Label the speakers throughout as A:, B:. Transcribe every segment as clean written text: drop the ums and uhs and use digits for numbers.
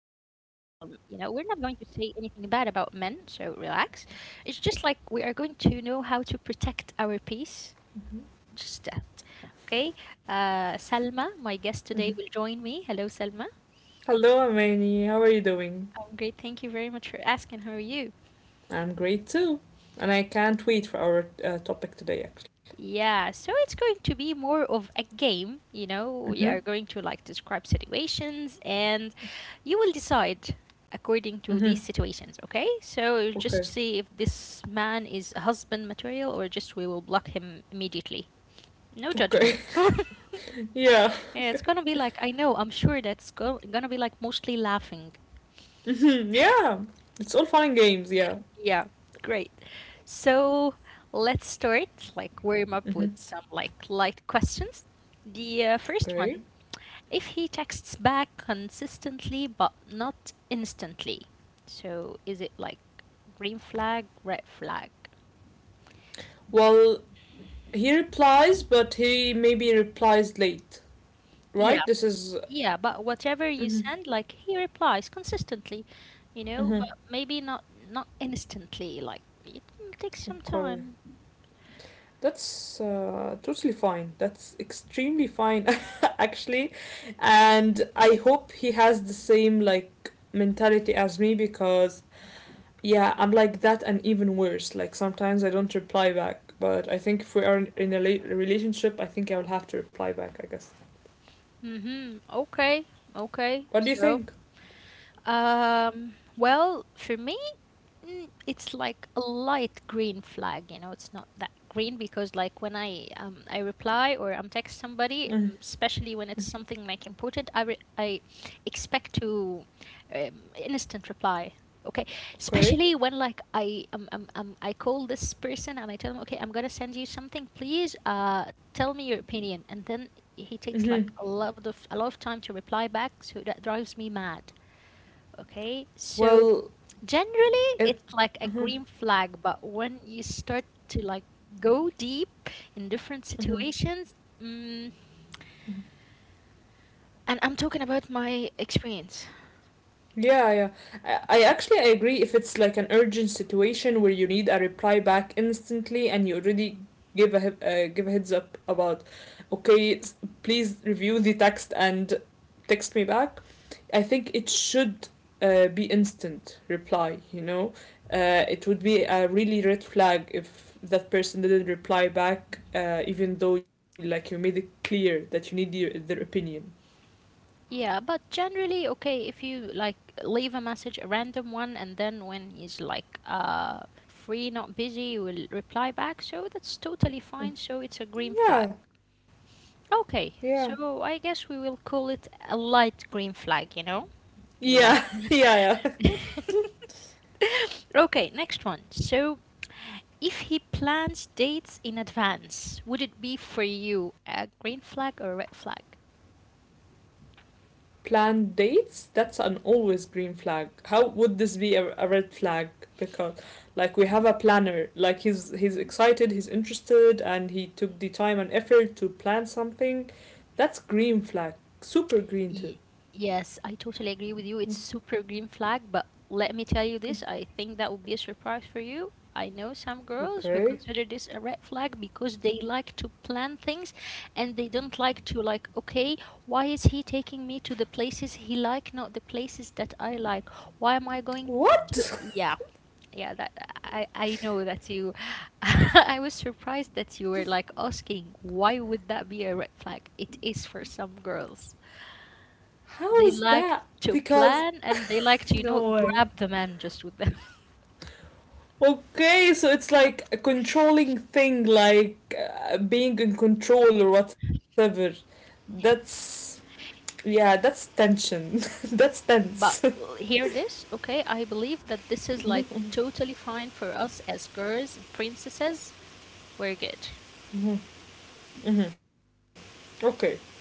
A: we're not going to say anything bad about men, so relax. It's just like we are going to know how to protect our peace.
B: Mhm.
A: Just that. Okay. Salma, my guest today, will join me. Hello, Salma.
B: Hello, Amani. How are you doing?
A: I'm great. Thank you very much for asking. How are you?
B: I'm great too. And I can't wait for our topic today, actually.
A: Yeah, so it's going to be more of a game, you know. We
B: Mm-hmm.
A: are going to like describe situations and you will decide according to these
B: Mm-hmm.
A: situations, okay? So you'll just
B: Okay.
A: see if this man is husband material or just we will block him immediately. No
B: Okay.
A: judgment.
B: Yeah.
A: Yeah, it's gonna be like I know, I'm sure that's go gonna be like mostly laughing.
B: Mm-hmm. Yeah. It's all fun and games, yeah.
A: Yeah, great. So let's start, like warm up
B: Mm-hmm.
A: with some like light questions. The
B: Okay.
A: first one, if he texts back consistently but not instantly, so is it like green flag, red flag?
B: Well, he replies, but he maybe replies late,
A: Yeah,
B: right? This is.
A: yeah, but whatever you
B: Mm-hmm.
A: send, like he replies consistently, you know,
B: Mm-hmm.
A: but maybe not instantly, like it takes some
B: Okay.
A: time.
B: That's totally fine. That's extremely fine, actually. And I hope he has the same like mentality as me because yeah, I'm like that and even worse. Like sometimes I don't reply back, but I think if we are in a late relationship, I think I will have to reply back, I guess.
A: Mm-hmm. Okay, okay.
B: What do you
A: So.
B: think?
A: Well, for me, it's like a light green flag, you know, it's not that green because like when I reply or I'm text
B: Mm-hmm.
A: somebody, especially when it's something like important, I expect to instant reply. Okay,
B: Okay.
A: especially when like I call this person and I tell him, okay, I'm gonna send you something. Please, tell me your opinion. And then he
B: Mm-hmm.
A: takes like a lot of time to reply back, so that drives me mad. Okay, so
B: Well,
A: generally
B: and
A: it's like a
B: mm-hmm.
A: green flag, but when you start to like go deep in different
B: Mm-hmm.
A: situations, mm.
B: Mm-hmm.
A: And I'm talking about my experience.
B: Yeah, yeah. I actually I agree if it's like an urgent situation where you need a reply back instantly and you already give a heads up about okay, please review the text and text me back. I think it should be instant reply, you know. It would be a really red flag if that person didn't reply back even though like you made it clear that you need their opinion.
A: Yeah, but generally, okay, if you like leave a message, a random one, and then when he's like free, not busy, you will reply back, so that's totally fine, so it's a green flag.
B: Yeah, yeah.
A: Okay, so I guess we will call it a light green flag, you know? Or like
B: Yeah, yeah, yeah.
A: Okay, next one. So, if he plans dates in advance, would it be for you a green flag or a red flag?
B: Planned dates, that's an always green flag. How would this be a red flag? Because like we have a planner, like he's excited, he's interested, and he took the time and effort to plan something. That's green flag, super green too.
A: Ye- Yes, I totally agree with you. It's super green flag, but let me tell you this, I think that would be a surprise for you. I know some girls who
B: Okay.
A: consider this a red flag because they like to plan things and they don't like to like, okay, why is he taking me to the places he like, not the places that I like? Why am I going to,
B: What?
A: yeah, yeah, that I know that you I was surprised that you were like asking why would that be a red flag? It is for some girls.
B: How
A: They
B: is
A: like
B: that?
A: to
B: Because
A: plan and they like to, you know,
B: no way.
A: grab the man just with them.
B: Okay, so it's like a controlling thing, like being in control or whatever. That's. Yeah, that's tension. That's tense.
A: But hear this, okay? I believe that this is like
B: Mhm.
A: totally fine for us as girls and princesses. We're good.
B: Mhm, mhm. Okay. Yeah.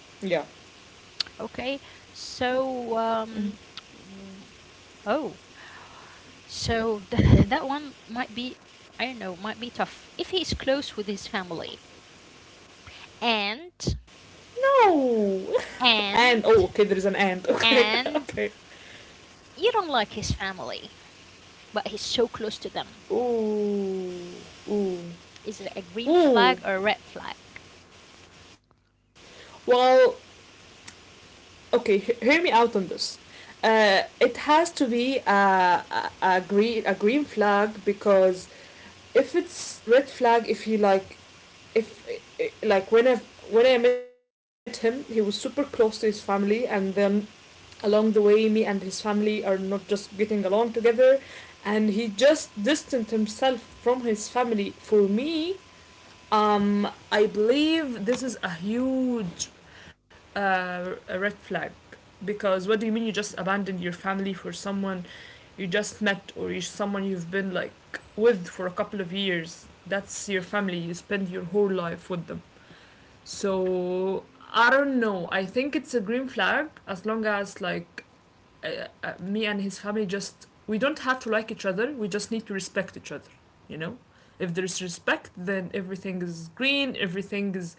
A: Okay? So
B: Mhm.
A: w- oh, that
B: Okay.
A: one might be, I don't know, might be tough if he is close with his family and
B: No.
A: and
B: And oh, okay. There is an and. Okay.
A: and
B: Okay.
A: you don't like his family, but he's so close to them.
B: Ooh. Ooh.
A: Is it a green
B: Ooh.
A: flag or a red flag?
B: Well, okay, hear me out on this. It has to be a green flag because if it's red flag, if he like, if like when I met him, he was super close to his family, and then along the way, me and his family are not just getting along together, and he just distanced himself from his family. For me, I believe this is a huge a red flag because what do you mean you just abandoned your family for someone you just met someone you've been like with for a couple of years? That's your family. You spend your whole life with them. So I don't know. I think it's a green flag as long as like me and his family just we don't have to like each other. We just need to respect each other. You know, if there's respect, then everything is green, everything is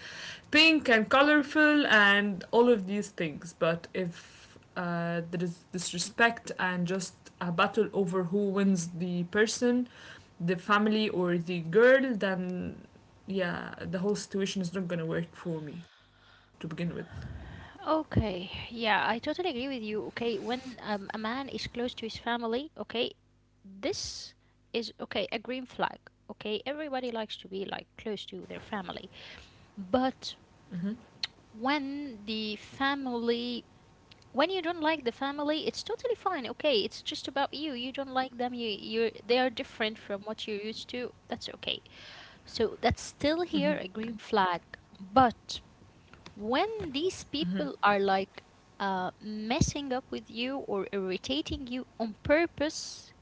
B: pink and colorful, and all of these things. But if there is disrespect and just a battle over who wins the person, the family or the girl, then yeah, the whole situation is not gonna work for me to begin with.
A: Okay, yeah, I totally agree with you. Okay, when a man is close to his family, okay, this is okay, a green flag. Okay, everybody likes to be like close to their family, but when the family when you don't like the family, it's totally fine. Okay, it's just about you, you don't like them, you they are different from what you're used to, that's okay. So that's still
B: Mm-hmm.
A: here a green flag, but when these
B: Mm-hmm.
A: people are like messing up with you or irritating you on purpose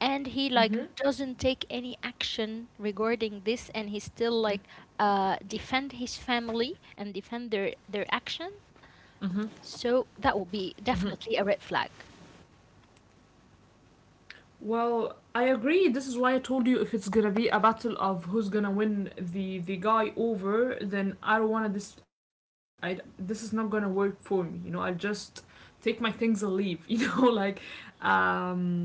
A: and he like
B: Mm-hmm.
A: doesn't take any action regarding this and he still like defend his family and defend their action,
B: Mm-hmm.
A: so that will
B: Mm-hmm.
A: be definitely a red flag.
B: Well, I agree. This is why I told you if it's gonna be a battle of who's gonna win the guy over, then I don't wanna this. I this is not gonna work for me. You know, I will just take my things and leave. You know, like, um,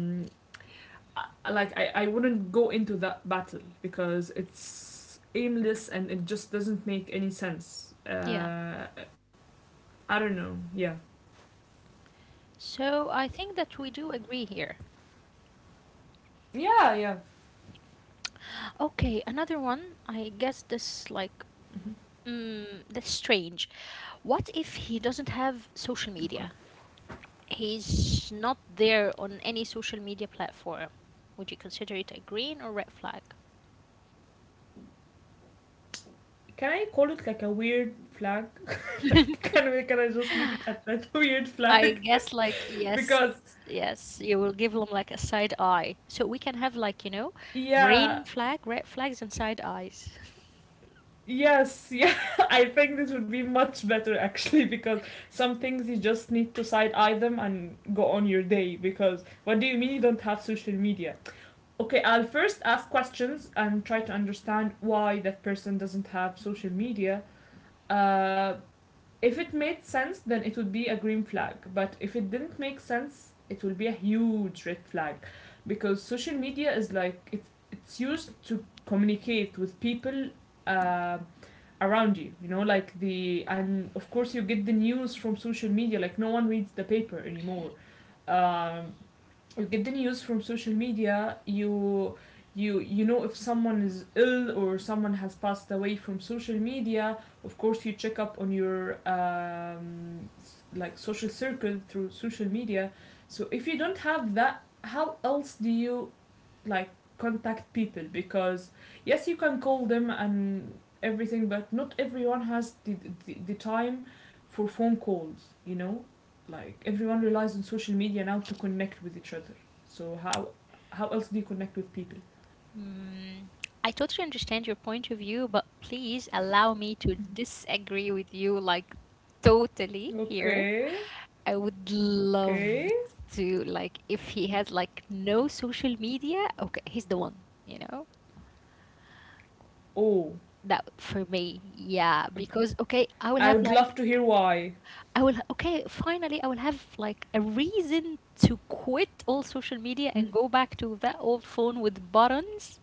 B: I wouldn't go into that battle because it's aimless and it just doesn't make any sense.
A: Yeah.
B: I don't know. Yeah.
A: So I think that we do agree here.
B: Yeah. Yeah.
A: Okay, another one. I guess this like
B: Mhm.
A: that's strange. What if he doesn't have
B: Okay.
A: social media? He's not there on any social media platform. Would you consider it a green or red flag?
B: Can I call it like a weird flag? Like, can I just leave it at that weird
A: I
B: flag?
A: guess like yes,
B: Because
A: yes, you will give them like a side eye. So we can have like, you know, green
B: yeah,
A: flag, red flags and side eyes.
B: yes, yeah. I think this would be much better actually because some things you just need to side eye them and go on your day. Because what do you mean you don't have social media? Okay, I'll first ask questions and try to understand why that person doesn't have social media. Uh, if it made sense, then it would be a green flag. But if it didn't make sense, it will be a huge red flag, because social media is like it's used to communicate with people uh, around you. You know, like the and of course you get the news from social media. Like no one reads the paper anymore. Um, you get the news from social media. You You know if someone is ill or someone has passed away from social media. Of course you check up on your like social circle through social media. So if you don't have that, how else do you like contact people? Because yes, you can call them and everything, but not everyone has the time for phone calls, you know, like everyone relies on social media now to connect with each other. So how else do you connect with people?
A: Mm, I totally understand your point of view, but please allow me to disagree with you like totally here.
B: Okay,
A: I would love
B: okay.
A: to like if he has like no social media, okay, he's the one, you know?
B: Oh,
A: That for me, yeah, because okay, I will
B: I
A: have
B: would love
A: like
B: to hear why.
A: I will okay, finally I will have like a reason to quit all social media and go back to that old phone with buttons,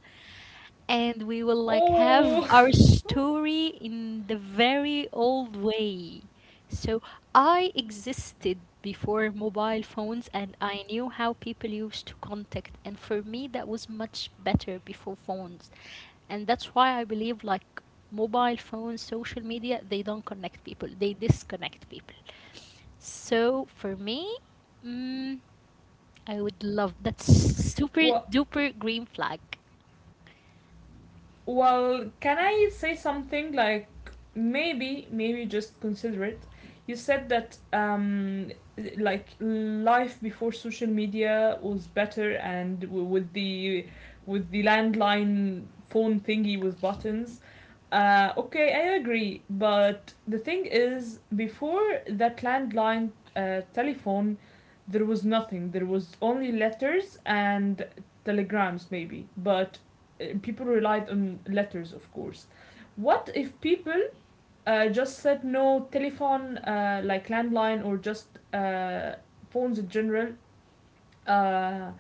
A: and we will like have
B: Oh.
A: our story in the very old way. So I existed before mobile phones, and I knew how people used to contact, and for me that was much better before phones. And that's why I believe like mobile phones, social media, they don't connect people, they disconnect people. So for me, mm, I would love, that's super
B: What.
A: duper green flag.
B: Well, can I say something like maybe, just consider it? You said that like life before social media was better, and with the landline phone thingy with buttons. Okay, I agree, but the thing is, before that landline telephone, there was nothing. There was only letters and telegrams, maybe. But people relied on letters, of course. What if people just said no telephone, like landline, or just phones in general? Uh,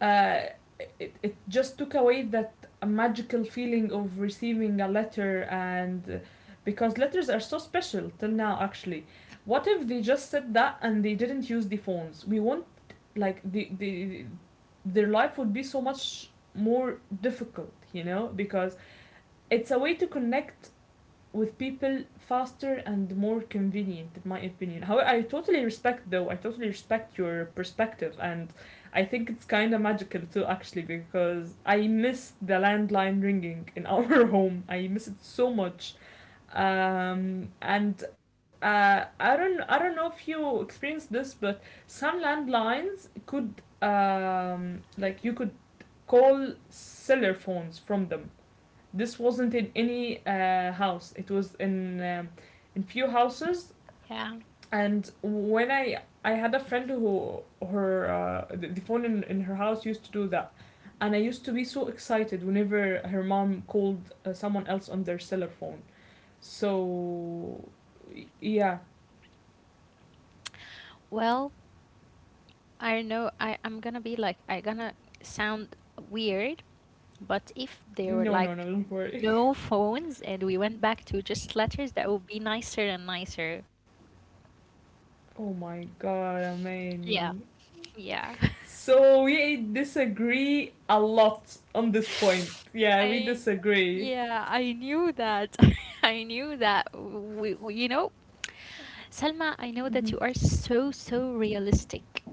B: uh, it just took away that magical feeling of receiving a letter, and because letters are so special till now, actually. What if they just said that and they didn't use the phones? We want like the their life would be so much more difficult, you know, because it's a way to connect with people faster and more convenient in my opinion. However, I totally respect your perspective, and I think it's kind of magical too actually because I miss the landline ringing in our home. I miss it so much. And I don't I don't know if you experienced this, but some landlines could um, like you could call cellular phones from them. This wasn't in any house. It was in few houses.
A: Yeah,
B: And when I had a friend who the phone in her house used to do that, and I used to be so excited whenever her mom called someone else on their cellular phone. So yeah.
A: well, I know I'm gonna be like I gonna sound weird, but if there were
B: No,
A: like
B: no, no, don't worry.
A: no phones and we went back to just letters, that would be nicer and nicer.
B: Oh my god,
A: Yeah.
B: Amani.
A: Yeah.
B: So we disagree a lot on this point. Yeah, we
A: I
B: disagree.
A: yeah, I knew that. I knew that. You know, Selma, I know that
B: Mhm.
A: you are so, so realistic.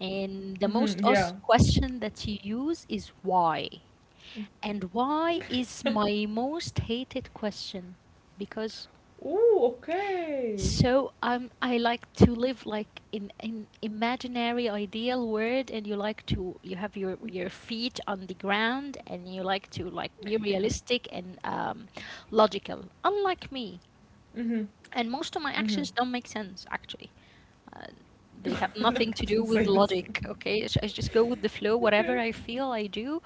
A: And the most
B: Mm-hmm, yeah.
A: asked question that you use is why. And why is my most hated question? Because
B: Ooh, okay.
A: I like to live like in imaginary ideal world, and you like to you have your feet on the ground, and you like to like be
B: Yeah.
A: realistic and logical, unlike me.
B: Mm-hmm.
A: And most of my
B: Mm-hmm.
A: actions don't make sense actually. Uh, they
B: No,
A: have nothing
B: I
A: to
B: did
A: do
B: not
A: with
B: say this.
A: logic. Okay, I just go with the flow, whatever
B: Okay.
A: I feel, I do.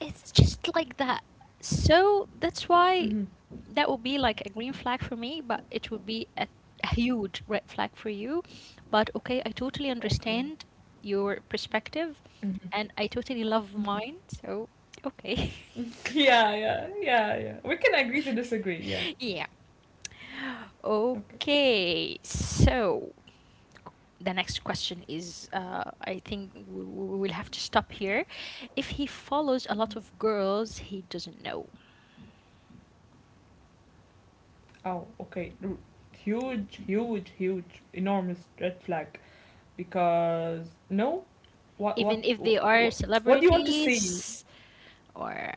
A: It's just like that. So that's why
B: Mm-hmm.
A: that would be like a green flag for me, but it would be a huge red flag for you. But okay, I totally
B: Okay.
A: understand your perspective
B: Mm-hmm.
A: and I totally love
B: Mm-hmm.
A: mine. So, okay.
B: Yeah, yeah, yeah, yeah. We can agree to disagree. Yeah.
A: Yeah.
B: Okay.
A: Okay. So, the next question is I think we will have to stop here. If he follows a lot of girls he doesn't know,
B: Oh, okay. Huge, huge, huge, enormous red flag. Because no, what, what,
A: even if they are
B: what, what do you want to see?
A: celebrities or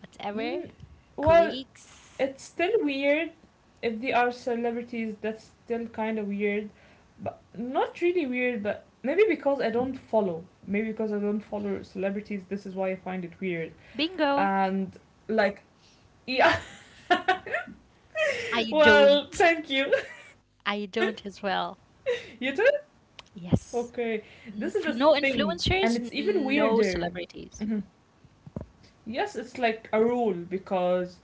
A: whatever,
B: Mm, well,
A: colleagues,
B: it's still weird. If they are celebrities, that's still kind of weird, but not really weird, but maybe because I don't follow celebrities. This is why I find it weird.
A: bingo.
B: And like yeah.
A: I don't.
B: Well, thank you.
A: I don't as well.
B: You too. Okay,
A: Yes.
B: this is the
A: No
B: thing, and it's
A: influencers,
B: even
A: no
B: weirder.
A: celebrities.
B: Mhm. Yes, it's like a rule because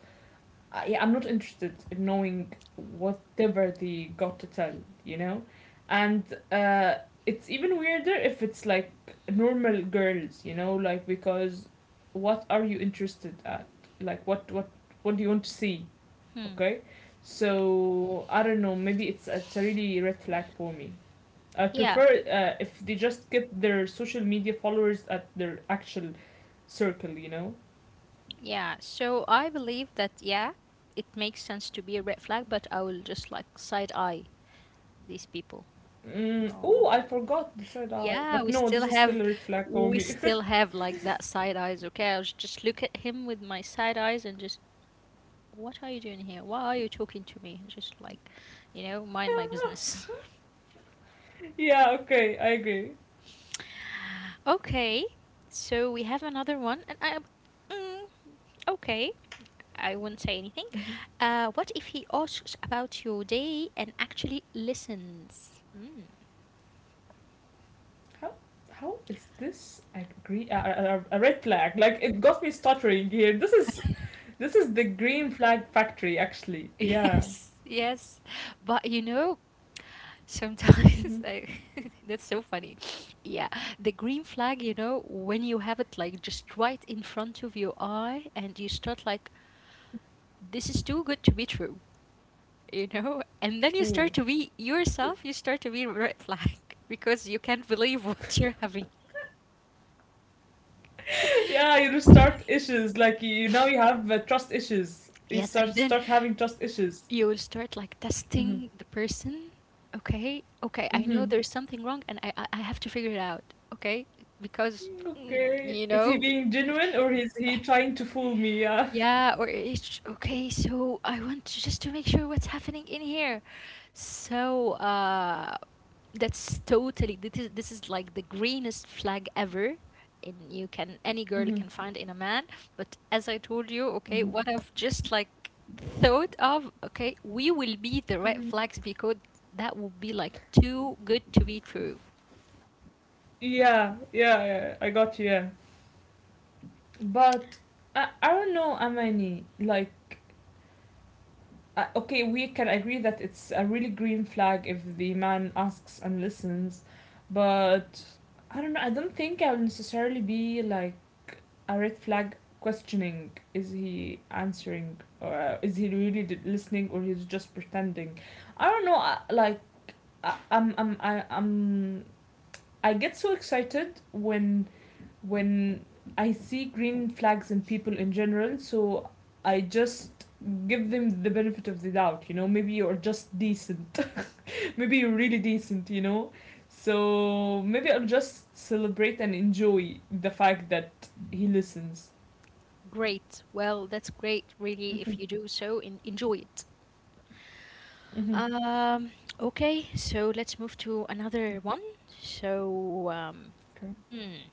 B: I, yeah, I'm not interested in knowing whatever they got to tell, you know? And uh, it's even weirder if it's like normal girls, you know, like because what are you interested at? Like what what do you want to see?
A: Hmm.
B: Okay? So I don't know, maybe it's a really red flag for me. I
A: Yeah,
B: prefer if they just get their social media followers at their actual circle, you know?
A: yeah. So I believe that, yeah, it makes sense to be a red flag, but I will just like side eye these people.
B: Mm,
A: Oh.
B: oh, I forgot the third eye.
A: Yeah,
B: But no, this is still a red flag for
A: we
B: me.
A: still have like that side eyes. Okay, I'll just look at him with my side eyes and just, what are you doing here? Why are you talking to me? Just like, you know, mind my business.
B: Yeah, okay, I agree.
A: Okay, so we have another one, and I. Mm, okay, I won't say anything.
B: Mhm.
A: What if he asks about your day and actually listens? Mm.
B: How how is this agree a a red flag? Like it got me stuttering here. This is the green flag factory actually. Yeah.
A: Yes, yes. But you know, sometimes
B: Mm-hmm.
A: I, that's so funny. Yeah, the green flag, you know, when you have it like just right in front of your eye and you start like, this is too good to be true. You know, and then you start
B: Ooh.
A: to be yourself, you start to be red flag. Because you can't believe what you're having.
B: Yeah, you start issues like you now you have trust issues. You
A: Yes,
B: start
A: and then
B: start having trust issues.
A: you will start like
B: Mm-hmm.
A: testing the person. Okay, okay, I know
B: Mm-hmm.
A: there's something wrong and I I have to figure it out. Okay, because
B: Mm, okay.
A: you
B: Is he
A: know.
B: being genuine or is he trying to fool me? Yeah.
A: Yeah, or it's okay. So I want to just to make sure what's happening in here. So that's totally this is like the greenest flag ever. And you can any girl
B: Mhm,
A: can find in a man. But as I told you, okay,
B: mhm,
A: what I've just like thought of, okay, we will be the red
B: mhm.
A: flags because that would be like too good to be true.
B: Yeah, yeah, yeah, I got you. Yeah, but I don't know, Amani. Like, I, okay, we can agree that it's a really green flag if the man asks and listens, but I don't know. I don't think I will necessarily be like a red flag questioning is he answering or is he really listening or he's just pretending. I don't know. I'm I get so excited when when I see green flags in people in general, so I just give them the benefit of the doubt, you know, maybe you're just decent. Maybe you're really decent, you know. So maybe I'll just celebrate and enjoy the fact that he listens.
A: Great. Well, that's great, really.
B: Mm-hmm.
A: If you do so, en enjoy it.
B: Mm-hmm.
A: Um, okay, so let's move to another one. So,
B: Okay.
A: hmm.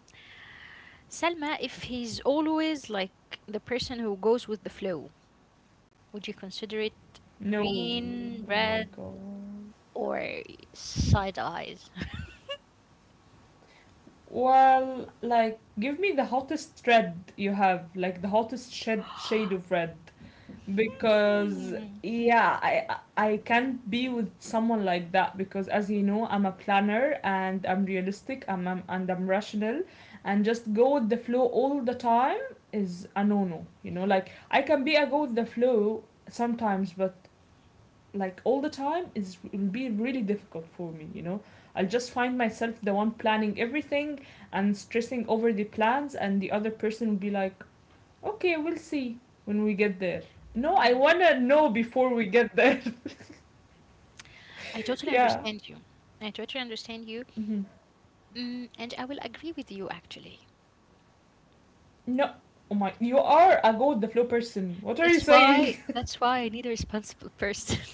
A: Selma, if he's always like the person who goes with the flow, would you consider it
B: No,
A: green,
B: oh my
A: red,
B: God.
A: or side eyes?
B: Well, like, give me the hottest red you have, like the hottest shed shade of red. because
A: Hmm.
B: yeah i i can't be with someone like that because, as you know, I'm a planner and I'm realistic. And I'm rational, and just go with the flow all the time is a no-no, you know. Like, I can be a go with the flow sometimes, but like all the time is will be really difficult for me, you know. I'll just find myself the one planning everything and stressing over the plans, and the other person will be like, okay, we'll see when we get there. No, I
A: Mm.
B: wanna know before we get there.
A: I totally
B: Yeah.
A: understand you. I totally understand you.
B: Mhm.
A: And I will agree with you actually.
B: No. Oh my, you are a go with the flow person. What are you
A: That's why
B: saying?
A: I need a responsible person.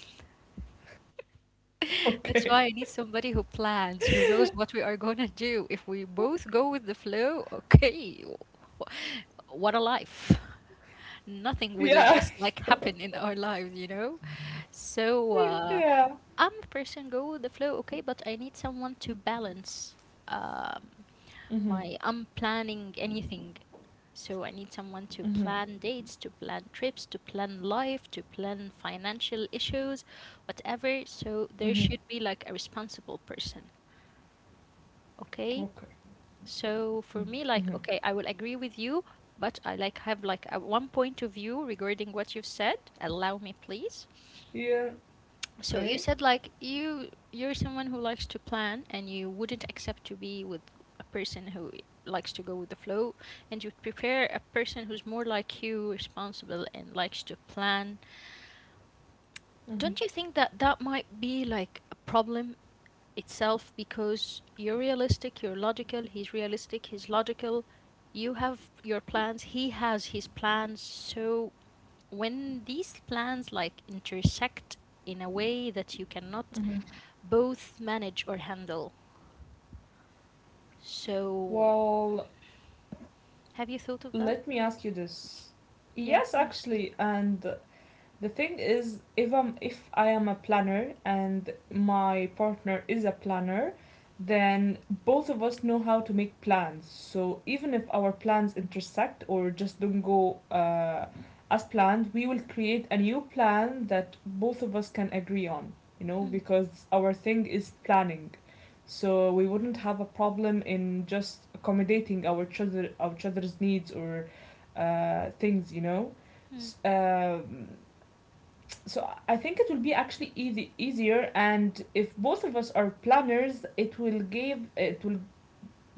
B: Okay.
A: That's why I need somebody who plans, who knows what we are gonna do. If we both go with the flow, okay, what a life. Nothing will
B: Yeah.
A: just like happen in our lives, you know? So uh,
B: yeah.
A: I'm a person go with the flow, okay, but I need someone to balance. Um
B: Mhm.
A: my I'm planning anything. So I need someone to
B: Mhm.
A: plan dates, to plan trips, to plan life, to plan financial issues, whatever. So there
B: Mhm.
A: should be like a responsible person. Okay?
B: Okay.
A: So for me, like,
B: Mhm.
A: okay, I will agree with you, but I like have like a one point of view regarding what you've said. Allow me, please.
B: Yeah.
A: So you
B: Okay.
A: said like you're someone who likes to plan and you wouldn't accept to be with a person who likes to go with the flow, and you'd prefer a person who's more like you, responsible and likes to plan.
B: Mhm.
A: Don't you think that that might be like a problem itself because you're realistic, you're logical, he's realistic, he's logical. You have your plans, he has his plans. So when these plans like intersect in a way that you cannot
B: Mhm.
A: both manage or handle. So,
B: Well,
A: have you thought of that?
B: let me ask you this.
A: Yeah,
B: Yes,
A: please.
B: actually, and the thing is, if I'm if I am a planner and my partner is a planner, then both of us know how to make plans. So even if our plans intersect or just don't go, as planned, we will create a new plan that both of us can agree on. You know,
A: Hmm,
B: because our thing is planning, so we wouldn't have a problem in just accommodating our each other's needs or things. You know.
A: hmm,
B: S- um so I think it will be actually easy easier, and if both of us are planners, it will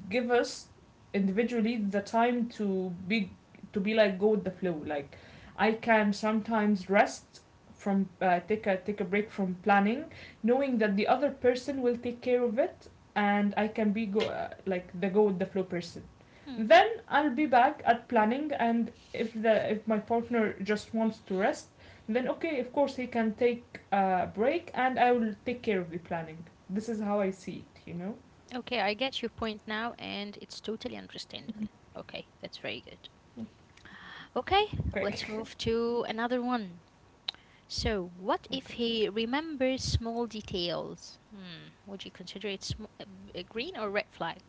B: give us individually the time to be like go with the flow. Like, I can sometimes rest from, take a break from planning, knowing that the other person will take care of it. And I can be go, like the go with the flow person.
A: hmm.
B: Then I'll be back at planning. And if the if my partner just wants to rest, then okay, of course he can take a break and I will take care of the planning. This is how I see it, you know.
A: Okay, I get your point now, and it's totally understandable. Okay, that's very good. Okay, let's
B: Okay.
A: move to another one. So, what if he remembers small details? Hmm, would you consider it a green or red flag?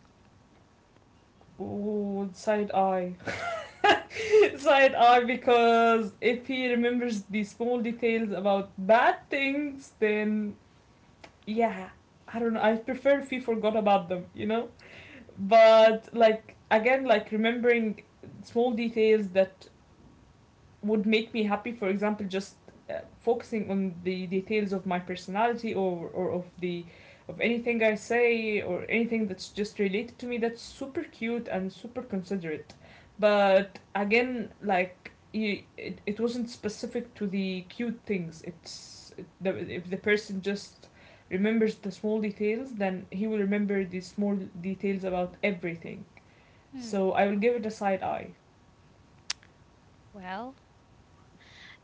B: Ooh, side eye. Side eye, because if he remembers the small details about bad things, then yeah. I don't know. I prefer if he forgot about them, you know? But like, again, like remembering small details that would make me happy, for example, just focusing on the details of my personality, or of the of anything I say or anything that's just related to me, that's super cute and super considerate. But again, like you, it wasn't specific to the cute things. If the person just remembers the small details, then he will remember the small details about everything.
A: Hmm,
B: So I will give it a side eye.
A: well,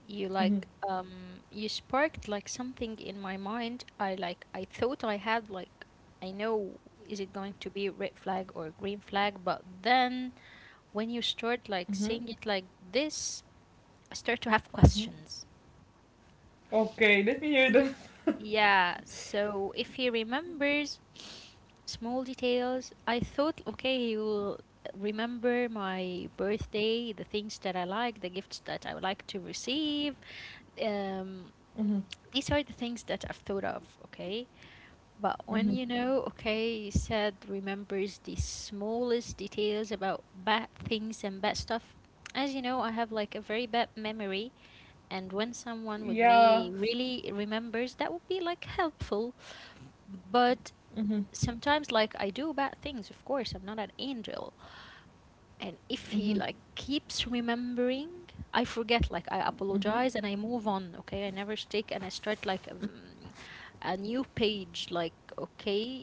A: you
B: Mm-hmm.
A: like you sparked like something in my mind. I like I thought I had like I know is it going to be a red flag or a green flag, but then when you start like
B: Mm-hmm.
A: saying it like this, I start to have
B: Mm-hmm.
A: questions.
B: Okay, let me hear
A: Y-
B: them.
A: Yeah, so if he remembers small details, I thought okay, he will remember my birthday, the things that I like, the gifts that I would like to receive, um
B: Hmm.
A: these are the things that I've thought of, okay? But when
B: Hmm.
A: you know, okay, Sad remembers the smallest details about bad things and bad stuff. As you know, I have like a very bad memory, and when someone with
B: Yeah.
A: me really remembers, that would be like helpful. But
B: Mhm.
A: sometimes, like, I do bad things, of course, I'm not an angel. And if he
B: Hmm.
A: like keeps remembering, I forget, like I
B: Hmm.
A: apologize and I move on, okay, I never stick, and I start like a new page like okay,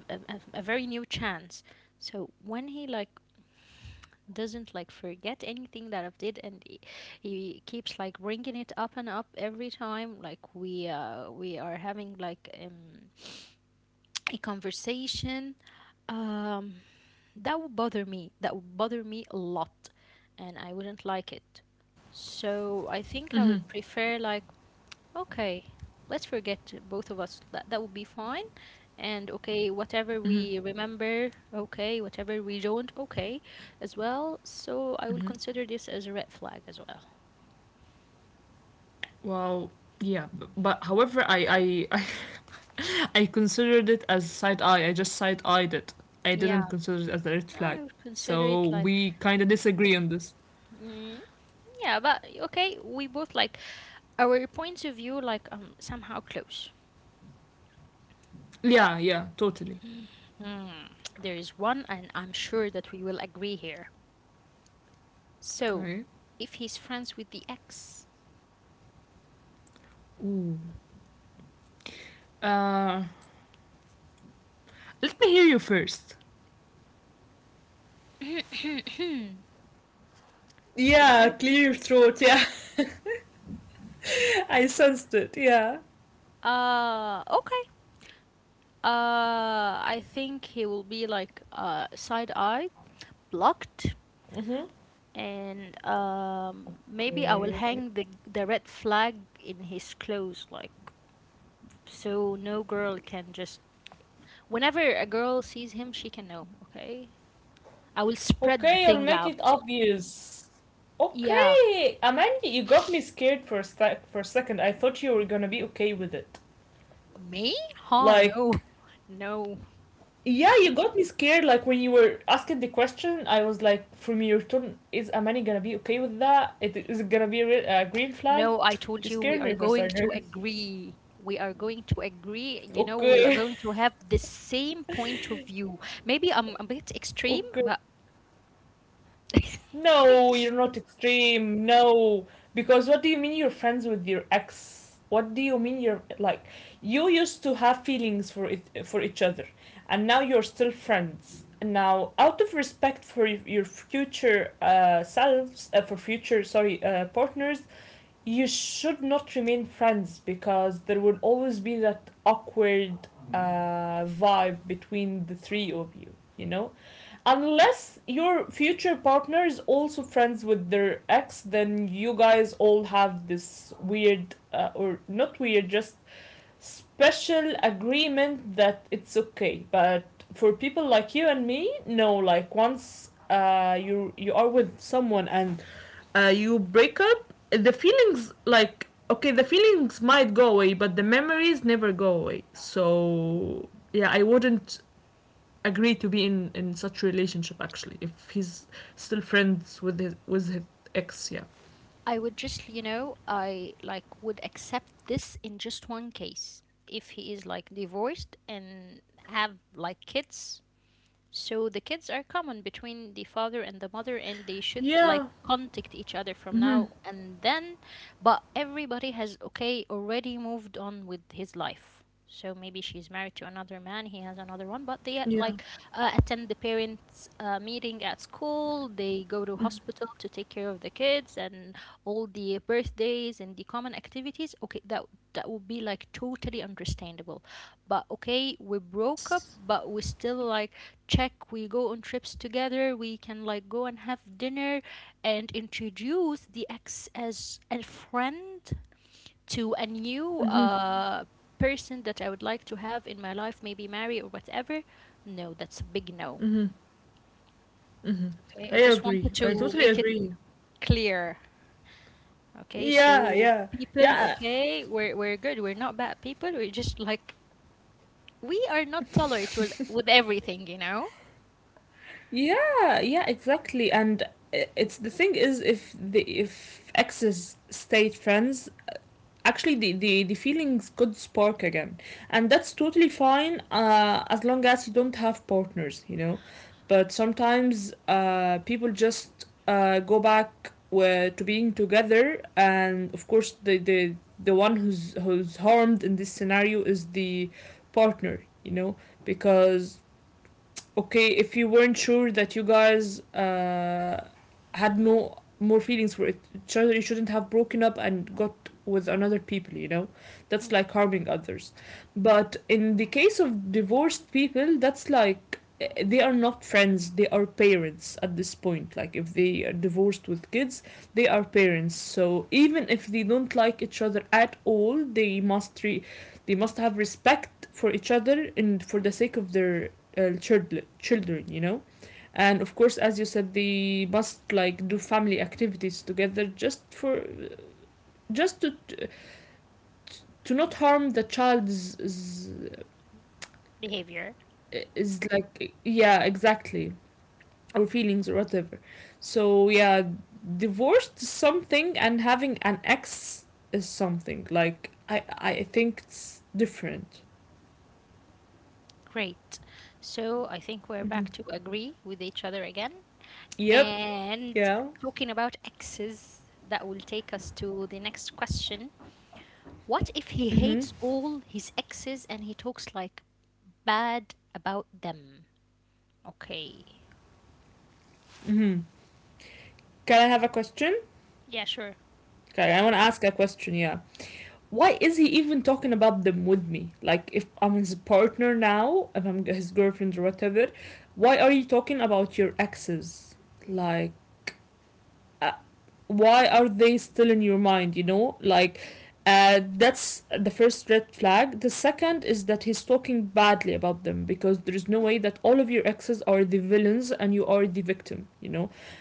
A: a, a very new chance. So when he like doesn't like forget anything that I've did, and he keeps like bringing it up and up every time like we are having like a conversation. um That would bother me. That would bother me a lot, and I wouldn't like it. So I think I would prefer like, okay, let's forget both of us. That that would be fine. And okay, whatever we remember, okay, whatever we don't, okay, as well. So I will consider this as a red flag as well.
B: Well, yeah, but however, I I considered it as side eye. I just side eyed it. I didn't
A: Yeah,
B: consider it as a red flag.
A: I would consider
B: So
A: it like,
B: we kind of disagree on this.
A: mm, yeah, but okay, we both like our points of view like somehow close.
B: Yeah, yeah, totally.
A: Hmm, there is one, and I'm sure that we will agree here. So,
B: Okay.
A: if he's friends with the ex,
B: Ooh. Uh, Let me hear you first.
A: should
B: Yeah,
A: I?
B: clear throat. Yeah, I sensed it. Yeah.
A: Okay. I think he will be like side-eyed, blocked,
B: Mm-hmm.
A: and maybe I will
B: Okay.
A: hang the red flag in his clothes, like so no girl can just whenever a girl sees him, she can know, okay? I will spread the
B: Okay, I'll
A: thing
B: make it
A: out.
B: obvious.
A: Yeah,
B: Okay, Amanda, you got me scared for a second. I thought you were gonna be okay with it.
A: me? Huh, no.
B: Like,
A: No.
B: yeah, you got me scared. Like, when you were asking the question, I was like, from your tone, is Amani gonna be okay with that? Is it gonna be a green flag?
A: No, I told
B: You
A: you we
B: scared
A: are
B: me for a
A: going to
B: second.
A: agree. We are going to agree. You know, we are
B: Okay.
A: going to have the same point of view. Maybe I'm a bit extreme,
B: Okay.
A: but
B: No, you're not extreme. No. Because what do you mean you're friends with your ex? What do you mean, you're like, you used to have feelings for each other and now you're still friends. Now, out of respect for your future, selves, for future, sorry, partners, you should not remain friends, because there will always be that awkward, vibe between the three of you, you know? Unless your future partner is also friends with their ex, then you guys all have this weird, or not weird, just special agreement that it's okay. But for people like you and me, no. Like, once, you are with someone and, you break up, the feelings, like, okay, the feelings might go away, but the memories never go away. So yeah, I wouldn't agree to be in such relationship actually, if he's still friends with his ex. Yeah.
A: I would just, you know, I like would accept this in just one case. If he is like divorced and have like kids, so the kids are common between the father and the mother, and they should like
B: Yeah,
A: contact each other from now and then. But everybody has okay already moved on with his life. So maybe she's married to another man, he has another one, but they
B: yeah.
A: like attend the parents' meeting at school. They go to hospital to take care of the kids and all the birthdays and the common activities. Okay, that that would be like totally understandable, but okay we broke up
B: Yes,
A: but we still like check, we go on trips together, we can like go and have dinner and introduce the ex as a friend to a new person that I would like to have in my life, maybe marry or whatever. No, that's a big no. Okay, I
B: I
A: just wanted
B: agree. I
A: to
B: totally
A: make it
B: agree.
A: clear. Okay,
B: Yeah,
A: so
B: yeah,
A: people,
B: yeah,
A: okay, we're good, we're not bad people, we're just like we are not tolerant with everything, you know.
B: yeah, yeah, exactly. And, I- it's the thing is, if the if exes stayed friends, actually the feelings could spark again, and that's totally fine, as long as you don't have partners, you know. But sometimes, people just, go back, to being together, and of course the one who's harmed in this scenario is the partner, you know. Because okay, if you weren't sure that you guys, had no more feelings for each other, you shouldn't have broken up and got with another people, you know? That's
A: Mm,
B: like harming others. But in the case of divorced people, that's like, they are not friends, they are parents at this point. Like, if they are divorced with kids, they are parents. So even if they don't like each other at all, they must, they must have respect for each other, and for the sake of their, children, you know. And of course, as you said, they must like do family activities together, just for just to not harm the child's, is,
A: behavior.
B: is like. Yeah, exactly. Or feelings or whatever. So yeah, divorced is something and having an ex is something, like I think it's different.
A: Great. So I think we're
B: Hmm.
A: back to agree with each other again,
B: Yep.
A: and
B: Yeah.
A: talking about exes, that will take us to the next question. What if he
B: Mm-hmm.
A: hates all his exes and he talks like bad about them? Okay.
B: Mm-hmm. Can I have a question?
A: Yeah, sure.
B: Okay, I want to ask a question. Yeah. Why is he even talking about them with me? Like, if I'm his partner now, if I'm his girlfriend or whatever, why are you talking about your exes? Like, uh, why are they still in your mind, you know? Like, that's the first red flag. The second is that he's talking badly about them, because there is no way that all of your exes are the villains and you are the victim, you know?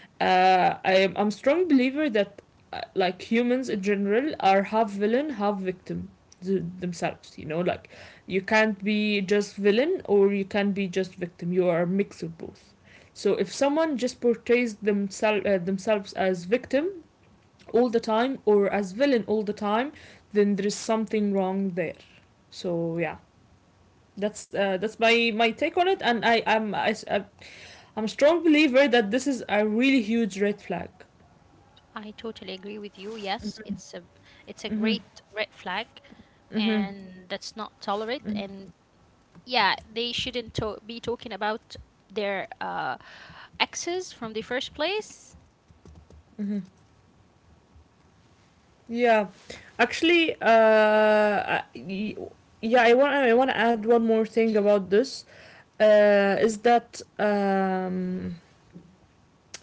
B: I'm a strong believer that, like, humans in general are half villain, half victim themselves. You know, like you can't be just villain or you can't be just victim. You are a mix of both. So if someone just portrays themselves as victim all the time or as villain all the time, then there is something wrong there. So yeah, that's, that's my take on it, and I am, am a strong believer that this is a really huge red flag.
A: I totally agree with you. Yes, it's a
B: Mm-hmm.
A: great red flag,
B: Mm-hmm. Mm-hmm.
A: and that's not tolerate, and yeah, they shouldn't be talking about their exes from the first place.
B: Mm-hmm. Yeah, actually, yeah, I want to add one more thing about this. Is that,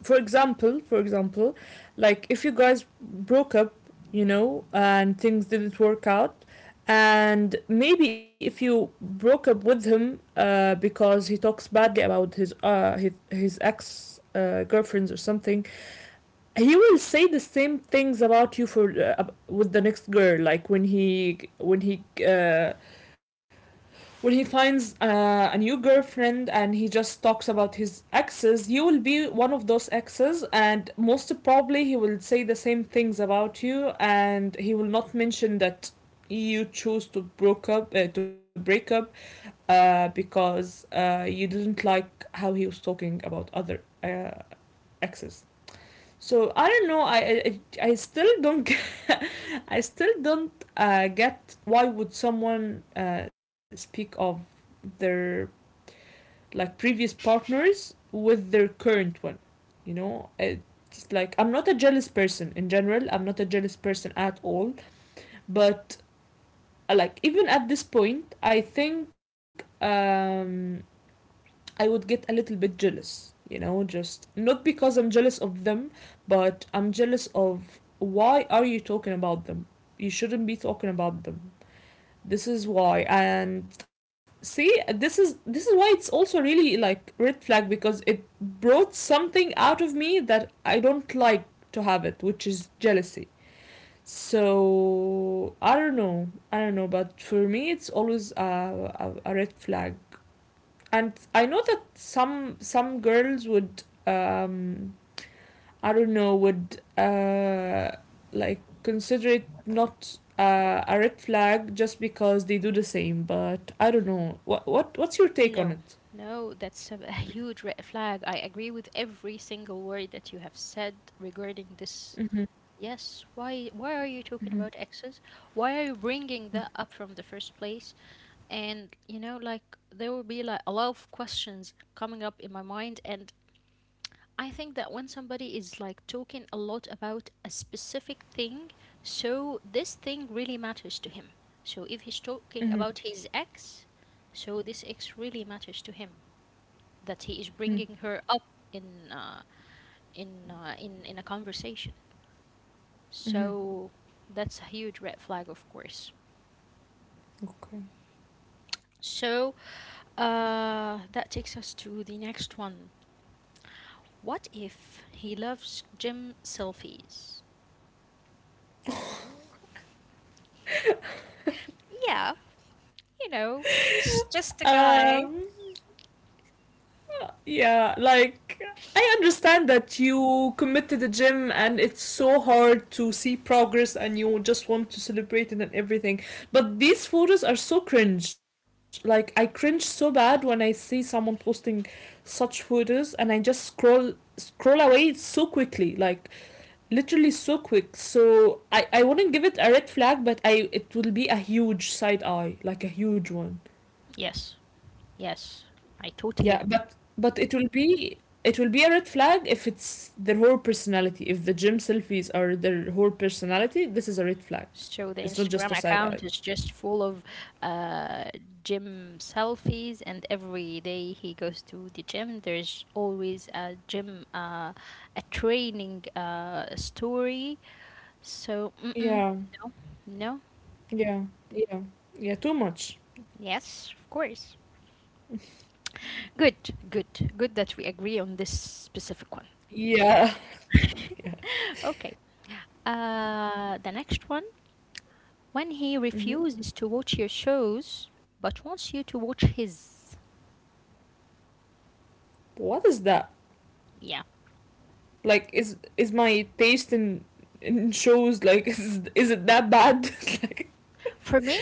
B: for example, like if you guys broke up, you know, and things didn't work out, and maybe if you broke up with him, because he talks badly about his, his ex, girlfriends or something, he will say the same things about you for, with the next girl, like when he, when he finds, a new girlfriend, and he just talks about his exes. You will be one of those exes and most probably he will say the same things about you, and he will not mention that you chose to break up, because, you didn't like how he was talking about other, uh, exes. So I don't know. I still don't. I still don't, get why would someone, speak of their, like, previous partners with their current one. You know, it's like I'm not a jealous person in general. I'm not a jealous person at all. But, like, even at this point, I think, I would get a little bit jealous, you know, just not because I'm jealous of them, but I'm jealous of why are you talking about them? You shouldn't be talking about them. This is why. And see, this is why it's also really like red flag because it brought something out of me that I don't like to have it, which is jealousy. So I don't know, but for me it's always a red flag. And I know that some girls would I don't know would like consider it not a red flag just because they do the same. But I don't know what's your take on
A: No,
B: it?
A: no, that's a, a huge red flag. I agree with every single word that you have said regarding this. Yes, why are you talking about exes? Why are you bringing that up from the first place? And you know, like there will be like a lot of questions coming up in my mind, and I think that when somebody is like talking a lot about a specific thing, so this thing really matters to him. So if he's talking about his ex, so this ex really matters to him, that he is bringing her up in in a conversation.
B: Mm-hmm.
A: So that's a huge red flag, of course.
B: Okay.
A: So that takes us to the next one. What if he loves gym selfies? Yeah, you know, he's just a guy.
B: um Yeah, like I understand that you commit to the gym and it's so hard to see progress and you just want to celebrate it and everything. But these photos are so cringe. Like I cringe so bad when I see someone posting such photos, and I just scroll away so quickly, like literally so quick. So I wouldn't give it a red flag, but I it will be a huge side eye, like a huge one.
A: Yes, yes, I totally
B: Yeah,
A: agree.
B: but it will be a red flag if it's their whole personality. If the gym selfies are their whole personality, this is a red flag.
A: So the
B: It's not
A: Instagram
B: just a side
A: account
B: eye.
A: is just full of uh, gym selfies, and every day he goes to the gym, there's always a gym, a training story. So, mm-mm,
B: Yeah,
A: no, no,
B: yeah, yeah, yeah. Too much.
A: yes, of course. Good, good, good that we agree on this specific one.
B: Yeah, yeah.
A: Okay, the next one. When he
B: Mm-hmm.
A: refuses to watch your shows, but wants you to watch his.
B: What is that?
A: Yeah.
B: Like, is my taste in shows like, is it that bad?
A: For me,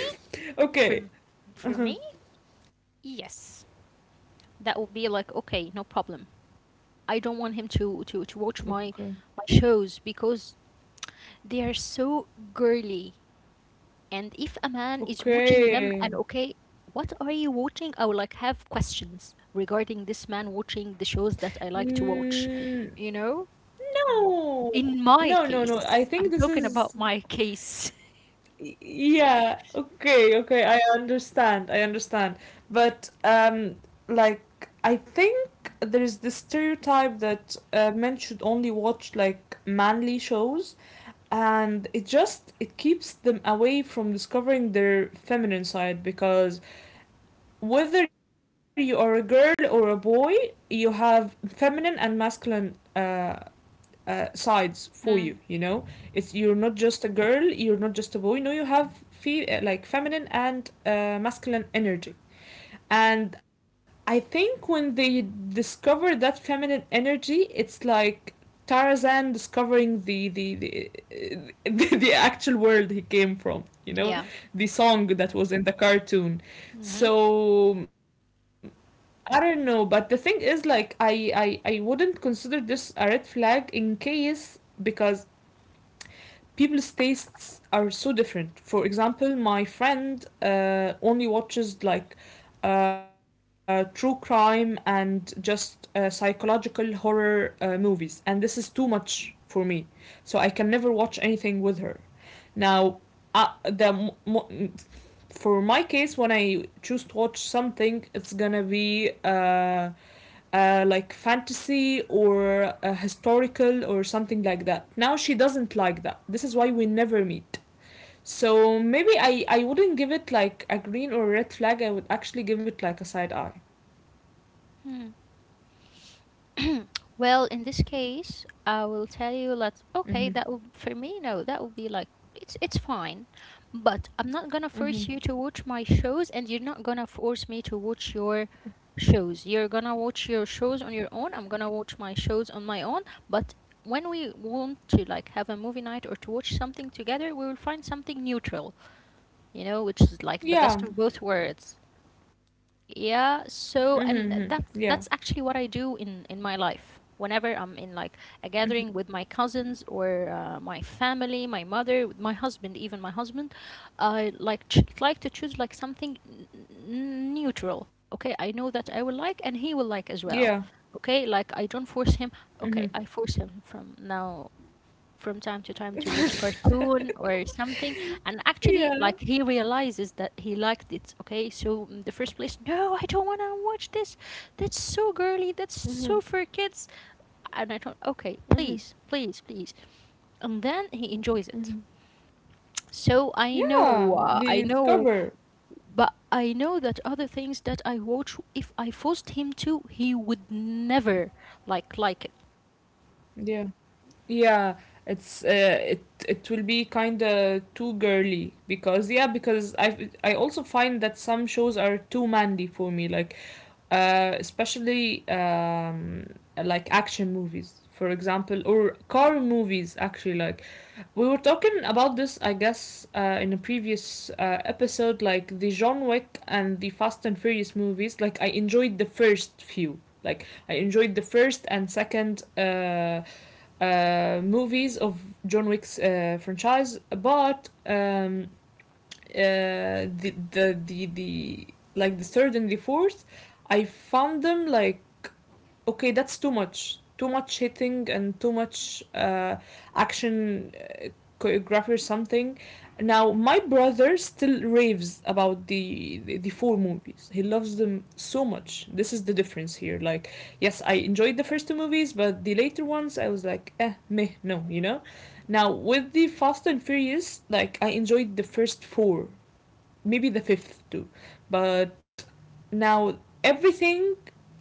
B: Okay.
A: For for
B: Uh-huh.
A: me, yes. That would be like okay, no problem. I don't want him to watch my
B: Okay.
A: my shows because they are so girly. And if a man is watching them
B: Okay.
A: and okay, what are you watching? I would like have questions regarding this man watching the shows that I like to watch.
B: Mm.
A: You know?
B: No,
A: In my
B: no, no, no. I
A: case,
B: think
A: I'm
B: this
A: talking
B: is.
A: about my case.
B: Yeah, okay, okay. I understand. I understand. But, like, I think there is this stereotype that men should only watch, like, manly shows, and it just it keeps them away from discovering their feminine side. Because whether you are a girl or a boy, you have feminine and masculine sides for you, you
A: Hmm.
B: know. It's you're not just a girl, you're not just a boy. No, you have like feminine and masculine energy. And I think when they discover that feminine energy, it's like Tarzan discovering the actual world he came from, you know,
A: Yeah.
B: the song that was in the cartoon.
A: Mm-hmm.
B: So I don't know, but the thing is, like, I wouldn't consider this a red flag in case, because people's tastes are so different. For example, my friend only watches like true crime and just psychological horror movies, and this is too much for me. So I can never watch anything with her. Now, uh, the mo- mo- for my case, when I choose to watch something, it's gonna be like fantasy or historical or something like that. Now she doesn't like that. This is why we never meet. So maybe I wouldn't give it like a green or red flag, I would actually give it like a side eye.
A: Well, in this case, I will tell you that
B: Mm-hmm.
A: okay, that would for me no, that would be like it's fine, but I'm not gonna
B: Mm-hmm.
A: force you to watch my shows, and you're not gonna force me to watch your shows. You're gonna watch your shows on your own. I'm gonna watch my shows on my own. But when we want to like have a movie night or to watch something together, we will find something neutral, you know, which is like the
B: Yeah.
A: best of both worlds. Yeah,
B: Mm-hmm.
A: so
B: Mm-hmm.
A: and
B: Yeah.
A: that that's actually what I do in my life. Whenever I'm in like a gathering with my cousins or my family, my mother, with my husband, even my husband, I like ch like to choose like something neutral. Okay, I know that I will like and he will
B: Yeah.
A: like as well. Okay, like I don't force him.
B: Mm-hmm.
A: Okay, I force him from now from time to time to watch cartoon or something, and actually
B: Yeah.
A: like he realizes that he liked it, okay so in the first place no I don't want to watch this, that's so girly, that's
B: Mm-hmm.
A: so for kids, and I thought okay
B: Mm-hmm.
A: please please please, and then he enjoys it.
B: Mm-hmm.
A: So I
B: Yeah,
A: know I
B: the
A: know,
B: cover.
A: but I know that other things that I watch if I forced him to, he would never like like it.
B: Yeah. Yeah, it's it it will be kind of too girly. Because yeah, because I also find that some shows are too manly for me, like especially like action movies, for example, or car movies. Actually, like we were talking about this, I guess, in a previous episode, like the John Wick and the Fast and Furious movies. Like I enjoyed the first few. Like I enjoyed the first and second movies of John Wick's franchise. But the like the third and the fourth, I found them like, okay, that's too much hitting and too much action choreography or something. Now my brother still raves about the four movies. He loves them so much. This is the difference here. Like, yes, I enjoyed the first two movies, but the later ones I was like, eh, meh, no, you know. Now with the Fast and Furious, like I enjoyed the first four, maybe the fifth too, but now everything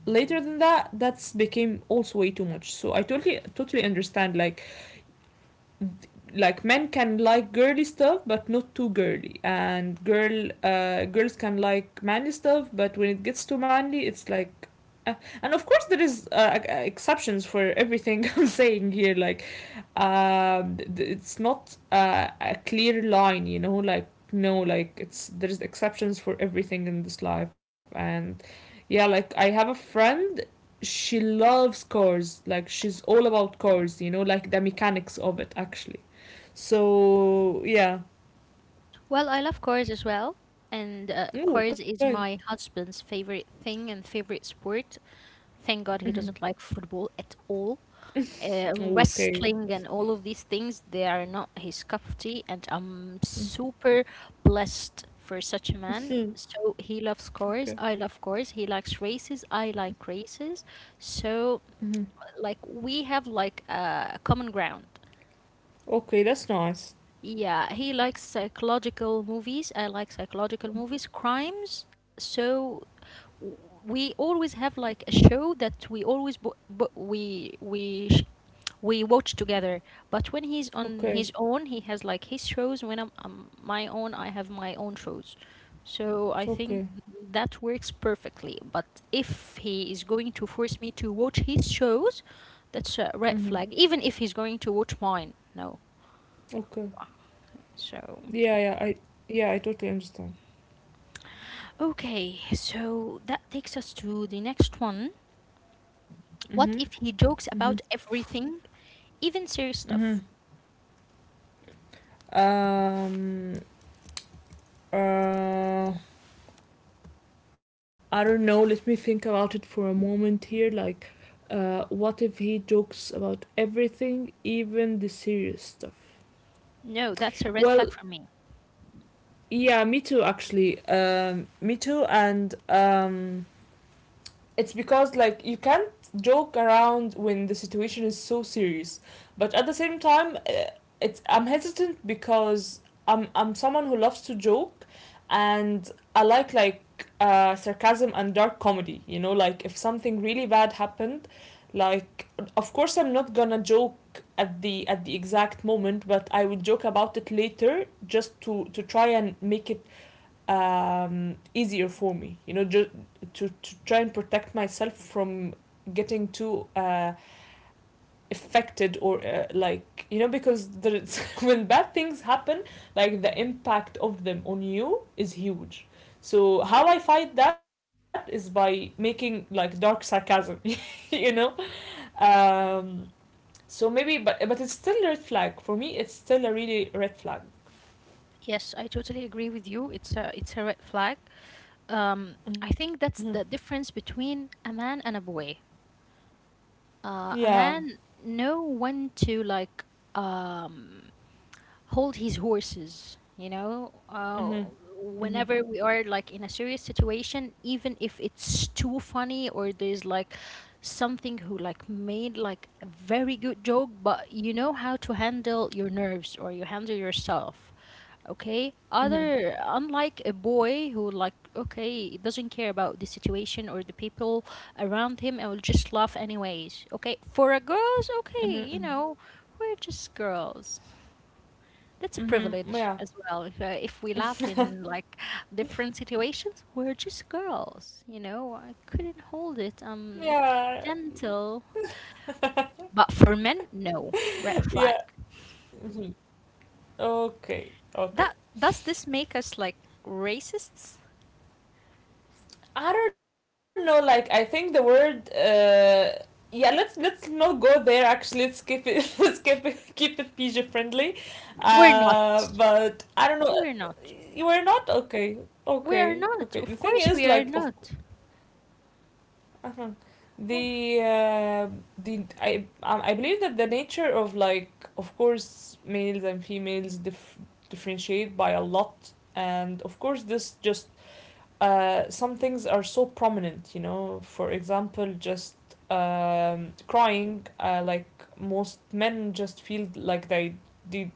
B: later than that's became also way too much. So I totally totally understand, like men can like girly stuff but not too girly, and girls can like manly stuff, but when it gets too manly it's like uh, and of course there is exceptions for everything. I'm saying here, like, um, it's not a clear line, you know. Like no, like it's there's exceptions for everything in this life. And yeah, like I have a friend, she loves cars, like she's all about cars, you know, like the mechanics of it actually. So yeah.
A: Well, I love chores as well, and
B: Oh,
A: chores
B: okay.
A: is my husband's favorite thing and favorite sport. Thank God he
B: Mm-hmm.
A: doesn't like football at all.
B: Oh, okay.
A: Wrestling and all of these things, they are not his cup of tea, and I'm
B: Mhm.
A: super blessed for such a man. So he loves
B: Okay.
A: cars, I love cars. He likes races, I like races. So,
B: Mm-hmm.
A: like, we have like a common ground.
B: Okay, that's nice.
A: Yeah, he likes psychological movies. I like psychological movies, crimes. So w- we always have like a show that we always we watch together. But when he's on
B: Okay.
A: his own, he has like his shows. When I'm my own, I have my own shows. So I think
B: Okay.
A: that works perfectly. But if he is going to force me to watch his shows, that's a red
B: Mm-hmm.
A: flag. Even if he's going to watch mine, no.
B: Okay.
A: So.
B: Yeah, yeah. I Yeah, I totally understand.
A: Okay, so that takes us to the next one.
B: Mm-hmm.
A: What if he jokes
B: Mm-hmm.
A: about everything, even serious
B: Mm-hmm.
A: stuff?
B: Um. Uh. I don't know. Let me think about it for a moment here. Like, what if he jokes about everything, even the serious stuff?
A: No, that's a red flag
B: Well,
A: for me.
B: yeah, me too. Actually, me too, and. It's because like you can't joke around when the situation is so serious. But at the same time, it's I'm hesitant because I'm someone who loves to joke, and I like sarcasm and dark comedy. You know, like if something really bad happened, like of course I'm not gonna joke at the exact moment, but I will joke about it later just to try and make it easier for me. You know, just to try and protect myself from getting too affected or like, you know, because there's when bad things happen, like the impact of them on you is huge. So how I fight that is by making like dark sarcasm. You know. Um, so maybe, but it's still a red flag for me. It's still a really red flag.
A: Yes, I totally agree with you. It's a red flag. I
B: Mm-hmm.
A: think that's the difference between a man and a boy. A
B: Yeah.
A: man know when to like um hold his horses, you know,
B: Mm-hmm. Mm-hmm.
A: whenever we are like in a serious situation, even if it's too funny or there's like something who like made like a very good joke, but you know how to handle your nerves or you handle yourself. Okay,
B: Mm-hmm.
A: other
B: Mm-hmm.
A: unlike a boy who like, okay, doesn't care about the situation or the people around him and will just laugh anyways. Okay, for a girls, okay, you know,
B: Mm-hmm.
A: we're just girls. That's a privilege as
B: Mm-hmm. Yeah.
A: well. If we laughed in like different situations, we're just girls, you know. I couldn't hold it.
B: Yeah.
A: Gentle, but for men, no, red flag.
B: Yeah. Hmm. Okay.
A: That, does
B: Okay.
A: this make us like racists?
B: I don't know. Like, I think the word. Yeah. Let's not go there. Actually, let's keep it. Let's keep it PG friendly.
A: We're not.
B: But I don't know.
A: We're not.
B: You were not okay.
A: We are
B: Okay.
A: not.
B: Okay.
A: Of
B: The thing
A: course, we
B: is,
A: are
B: like, of
A: not.
B: Uh-huh.
A: Or-
B: The uh, the I believe that the nature of like, of course, males and females differentiate by a lot, and of course this just some things are so prominent. You know, for example, just crying. Like most men just feel like they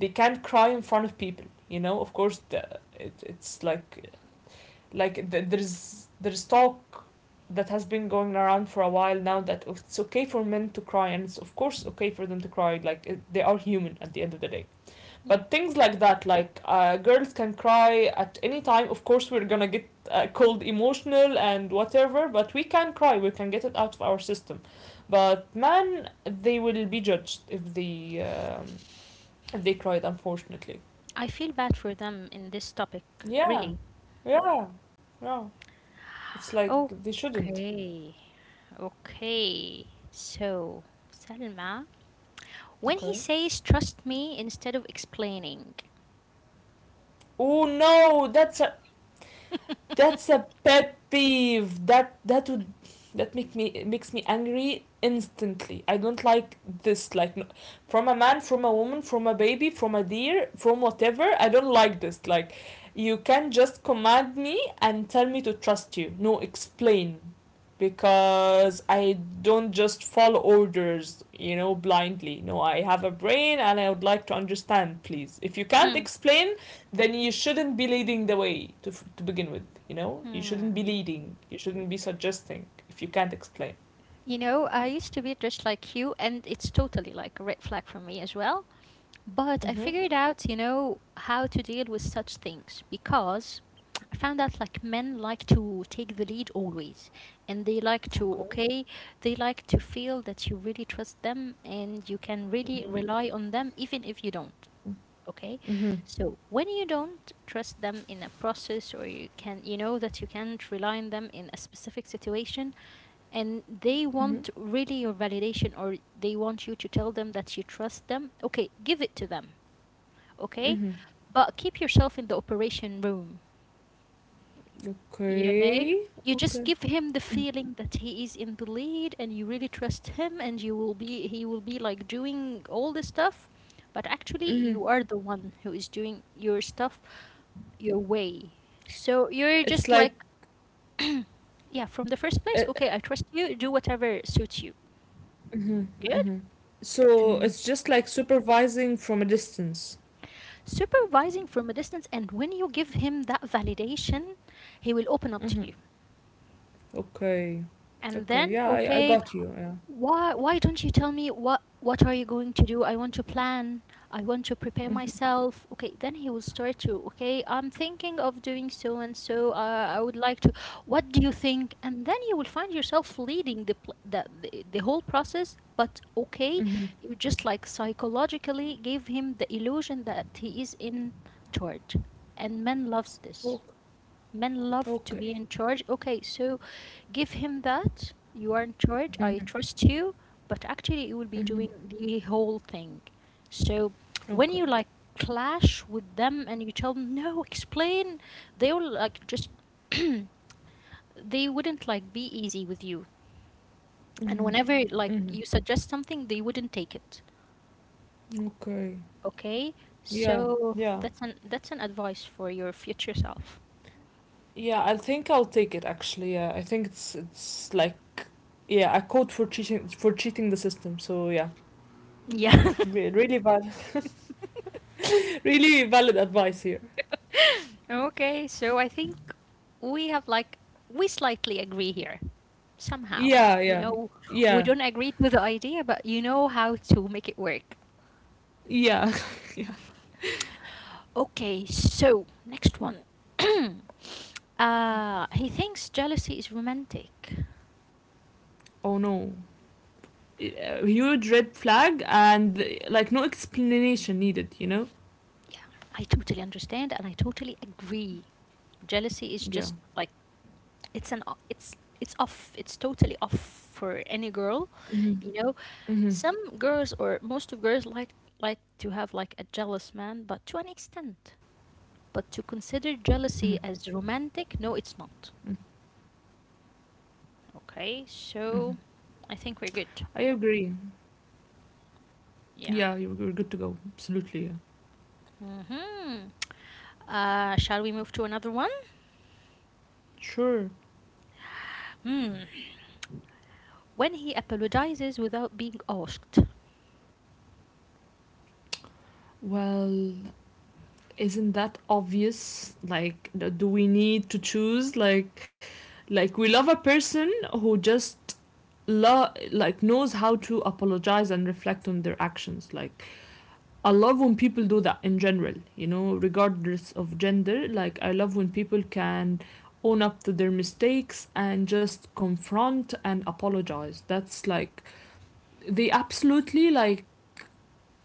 B: they can't cry in front of people. You know, of course it's like there's talk that has been going around for a while now that it's okay for men to cry, and it's of course okay for them to cry, like they are human at the end of the day.
A: Yeah.
B: But things like that, like girls can cry at any time. Of course we're gonna get called emotional and whatever, but we can cry, we can get it out of our system. But man, they will be judged if they cried, unfortunately.
A: I feel bad for them in this topic,
B: Yeah.
A: really.
B: Yeah. Yeah. It's like they shouldn't
A: Okay, okay. So, Selma. When he
B: Okay.
A: says, trust me instead of explaining.
B: Oh no, that's a pet peeve. That make me it makes me angry instantly. I don't like this, like from a man, from a woman, from a baby, from a deer, from whatever. I don't like this. Like you can just command me and tell me to trust you. No, explain, because I don't just follow orders, you know, blindly. No, I have a brain and I would like to understand, please. If you can't
A: Hmm.
B: explain, then you shouldn't be leading the way to begin with. You know, you shouldn't be
A: Hmm.
B: leading. You shouldn't be suggesting if you can't explain.
A: You know, I used to be dressed like you, and it's totally like a red flag for me as well. But I
B: Mm-hmm.
A: figured out, you know, how to deal with such things because I found out like men like to take the lead always, and they like to,
B: Okay.
A: okay, they like to feel that you really trust them and you can really
B: Mm-hmm.
A: rely on them even if you don't. Okay,
B: Mm-hmm.
A: so when you don't trust them in a process, or you can, you know, that you can't rely on them in a specific situation, and they
B: Mm-hmm.
A: want really your validation or they want you to tell them that you trust them, okay, give it to them, okay?
B: Mm-hmm.
A: But keep yourself in the operation room, you know?
B: Okay.
A: You just give him the feeling that he is in the lead and you really trust him and you will be he will be like doing all the stuff, but actually
B: Mm-hmm.
A: you are the one who is doing your stuff your way. So you're
B: It's
A: just like
B: like
A: yeah, from the first
B: uh,
A: place, okay, I trust you, do whatever suits you.
B: mm-hmm.
A: Good?
B: Mm-hmm. So
A: And
B: it's just like supervising from a distance.
A: supervising from a distance, and when you give him that validation, he will open up to
B: Mm-hmm.
A: you.
B: Okay.
A: And
B: Okay.
A: then,
B: Yeah, I
A: okay,
B: got you. Yeah.
A: why don't you tell me what are you going to do? I want to plan. I want to prepare myself. Okay, then he will start to, okay, I'm thinking of doing so and so. I would like to. What do you think? And then you will find yourself leading the pl- the whole process. But okay,
B: Mm-hmm.
A: you just like psychologically gave him the illusion that he is in charge, and men loves this.
B: Okay.
A: Men love to be
B: Okay.
A: in charge. Okay, so give him that. You are in charge. I trust you. But actually, you will be doing the whole thing. So when
B: Okay.
A: you like clash with them and you tell them, no, explain, they will like just, they wouldn't like be easy with you. And
B: Mm-hmm.
A: whenever like you suggest something, they wouldn't take it.
B: Okay.
A: Okay?
B: Yeah.
A: So
B: Yeah.
A: that's an advice for your future self.
B: Yeah, I think I'll take it actually. Yeah, I think it's like yeah, I caught for cheating the system. So yeah,
A: Yeah.
B: Really valid, really valid advice here.
A: Okay, so I think we have like we slightly agree here somehow.
B: Yeah,
A: You
B: yeah,
A: know, we
B: yeah,
A: don't agree to the idea, but you know how to make it work.
B: yeah.
A: Okay, so next one. He thinks jealousy is romantic.
B: Oh no, uh, huge red flag, and like no explanation needed. You know?
A: Yeah, I totally understand and I totally agree. Jealousy is
B: Yeah.
A: just like it's off. It's totally off for any girl,
B: Hmm.
A: you know.
B: Hmm.
A: Some girls or most of girls like to have like a jealous man, but to an
B: Hmm.
A: extent. But to consider jealousy as romantic, no, it's not.
B: Hmm.
A: Okay,
B: I
A: so
B: agree.
A: I think we're good.
B: Yeah, you're good to go.
A: Yeah.
B: Absolutely. Yeah.
A: Mm-hmm. Shall we move to another one?
B: Sure.
A: Hmm. When he apologizes without being asked.
B: Well, isn't that obvious? Like, do we need to choose, like we love a person who just like knows how to apologize and reflect on their actions. Like I love when people do that in general, you know, regardless of gender. Like I love when people can own up to their mistakes and just confront and apologize. That's like they absolutely like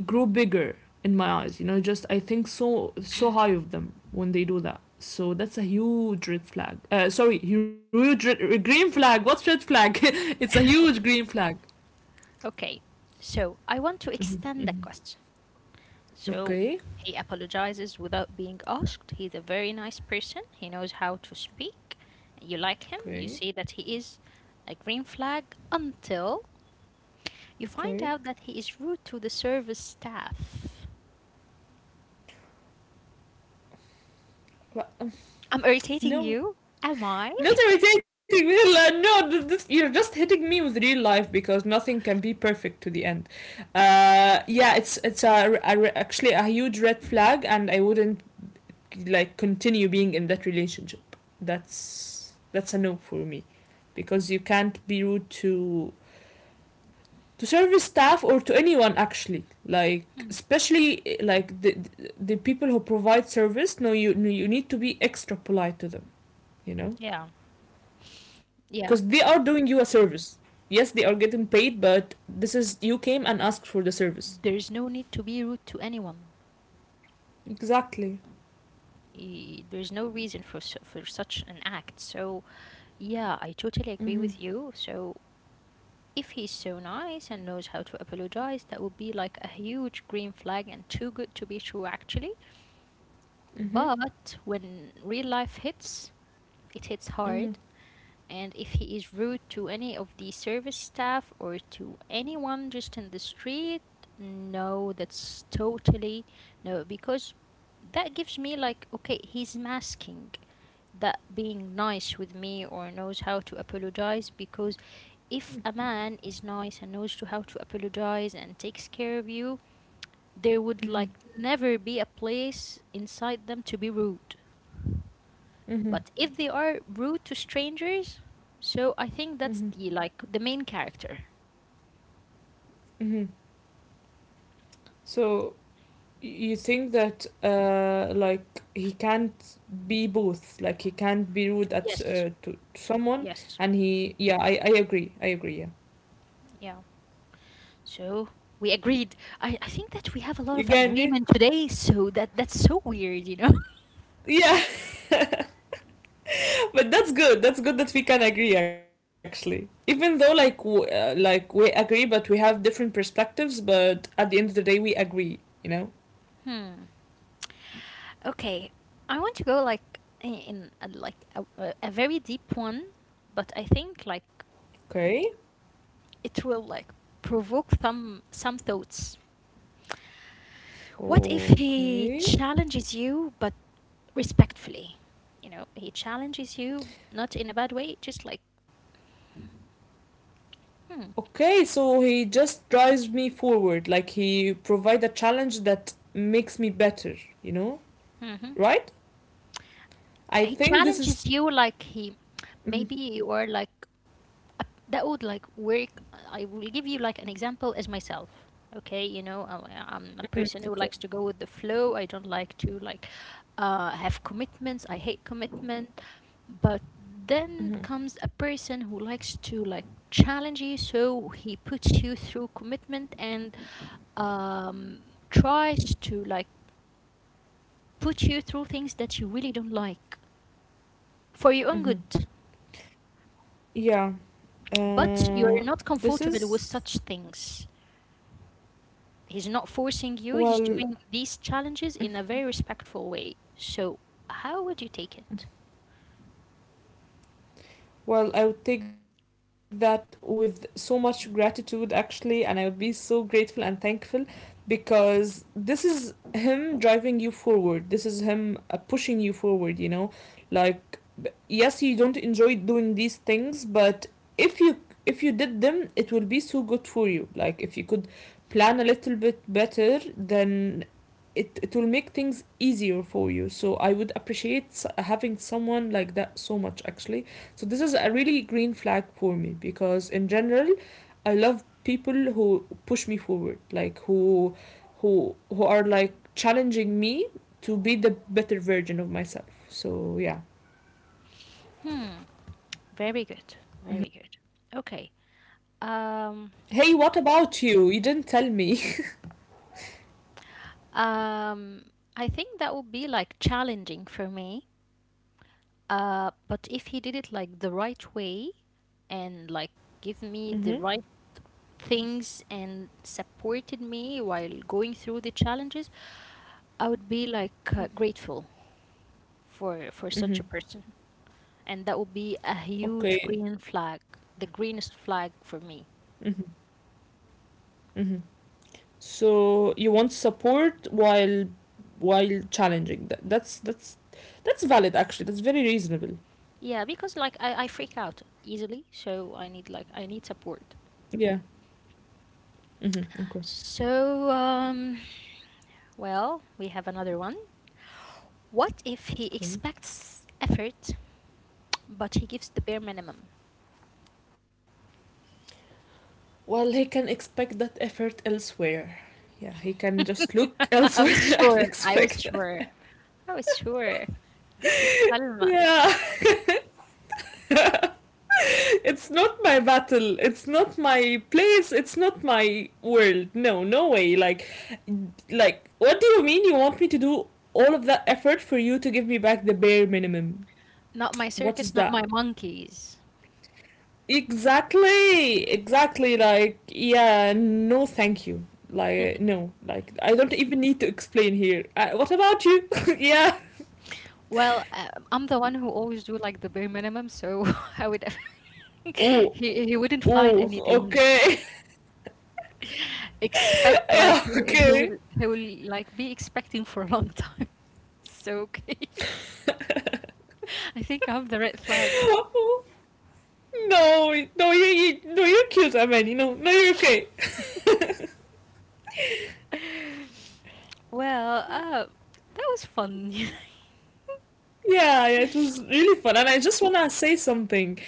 B: grow bigger in my eyes, you know. Just I think so so high of them when they do that. So that's a huge red flag, sorry, huge green flag. What's red flag? It's a huge green flag.
A: Okay. So I want to
B: Mm-hmm,
A: extend the
B: mm-hmm.
A: question. So
B: Okay.
A: he apologizes without being asked. He's a very nice person. He knows how to speak. You like him. You see
B: Okay.
A: that he is a green flag until you find
B: Okay,
A: out that he is rude to the service staff.
B: but,
A: I'm irritating you?
B: no,
A: Am I?
B: not irritating real life. No, this, you're just hitting me with real life because nothing can be perfect to the end. Yeah, it's actually a huge red flag, and I wouldn't like continue being in that relationship. That's a no for me because you can't be rude to service staff or to anyone actually, like
A: Hmm.
B: especially like people who provide service. No, you, no, you need to be extra polite to them you know
A: Yeah, yeah.
B: because they are doing you a service. Yes, they are getting paid, but this is you came and asked for the service.
A: There's no need to be rude to anyone.
B: Exactly.
A: There's no reason for for such an act. So yeah, I totally agree
B: Mm-hmm.
A: with you. So if he's so nice and knows how to apologize, that would be like a huge green flag and too good to be true, actually.
B: Mm-hmm.
A: But when real life hits, it hits hard.
B: Mm-hmm.
A: And if he is rude to any of the service staff or to anyone just in the street, no, that's totally no, because that gives me like, okay, he's masking that being nice with me or knows how to apologize, because if a man is nice and knows to how to apologize and takes care of you, there would
B: Mm-hmm. Mm-hmm.
A: like never be a place inside them to be rude. But if they are rude to strangers, so I think that's
B: Mm-hmm.
A: the like the main character.
B: Mm-hmm. So you think that like he can't be both, like he can't be rude at
A: Yes,
B: to someone
A: yes.
B: and he, yeah. I agree, I agree, yeah.
A: Yeah, so we agreed. I think that we have a lot
B: You
A: of
B: can, yeah.
A: agreement today, so that that's so weird, you know.
B: Yeah, but that's good, that's good that we can agree actually, even though like like we agree but we have different perspectives, but at the end of the day we agree you know
A: Hmm. Okay, I want to go like in a, like a very deep one, but I think like
B: okay.
A: it will like provoke some thoughts. What if he
B: Okay.
A: challenges you but respectfully? You know, he challenges you not in a bad way, just like hmm.
B: Okay, so he just drives me forward, like he provide a challenge that makes me better you know
A: Hmm.
B: right? I
A: He
B: think this is.
A: challenges you like he maybe
B: Mhm,
A: you are like uh, that would like work. I will give you like an example as myself. Okay, you know, I'm a
B: mhm,
A: person who
B: okay.
A: likes to go with the flow. I don't like to like have commitments. I hate commitment. But then
B: Mhm,
A: comes a person who likes to like challenge you, so he puts you through commitment and um, tries to like put you through things that you really don't like for your own good.
B: mhm. Yeah.
A: But
B: Uh,
A: you're not
B: this
A: comfortable
B: is
A: with such things. He's not forcing you, he's
B: well.
A: doing these challenges in a very respectful way. So, how would you take it?
B: Well, I would take that with so much gratitude, actually, and I would be so grateful and thankful because this is him driving you forward. This is him pushing you forward, you know? Like, yes, you don't enjoy doing these things, but if you, if you did them it will be so good for you. Like if you could plan a little bit better, then it will make things easier for you. So I would appreciate having someone like that so much, actually. So this is a really green flag for me because in general, I love people who push me forward, like who who are like challenging me to be the better version of myself. So yeah.
A: Hmm, very good. Very good. Okay. Um,
B: Hey, what about you? You didn't tell me.
A: um, I think that would be like challenging for me. But if he did it like the right way and like give
B: Mhm.
A: me the right things and supported me while going through the challenges, I would be like grateful for such a
B: Mhm.
A: person. And that would be a huge
B: Okay.
A: green flag, the greenest flag for me.
B: Mhm. Mhm. So you want support while challenging. That's that's valid, actually. That's very reasonable.
A: Yeah, because like I freak out easily, so I need like I need support.
B: Yeah. Mhm. Okay.
A: So um well, we have another one. What if he
B: Okay.
A: expects effort but he gives the bare minimum?
B: Well, he can expect that effort elsewhere. Yeah, he can just look
A: I was
B: elsewhere and
A: sure. I was
B: expect that.
A: sure. I was sure. This is Salma.
B: Yeah, it's not my battle. It's not my place. It's not my world. No, no way. Like, what do you mean? You want me to do all of that effort for you to give me back the bare minimum?
A: Not my
B: What is
A: circus, not
B: that?
A: my monkeys.
B: Exactly, exactly. Like, yeah, no, thank you. Like, no, like, I don't even need to explain here. What about you? Yeah.
A: Well, I'm the one who always do like the bare minimum, so I would
B: Uh,
A: he wouldn't find
B: uh, ok.
A: anything. Expect like he he
B: Ok.
A: will he will like be expecting for a long time. So okay, I think I'm the red flag.
B: No, no, you, no, you're cute, Amani. No, no, you're okay.
A: Well, that was fun.
B: Yeah, yeah, it was really fun, and I just wanna say something.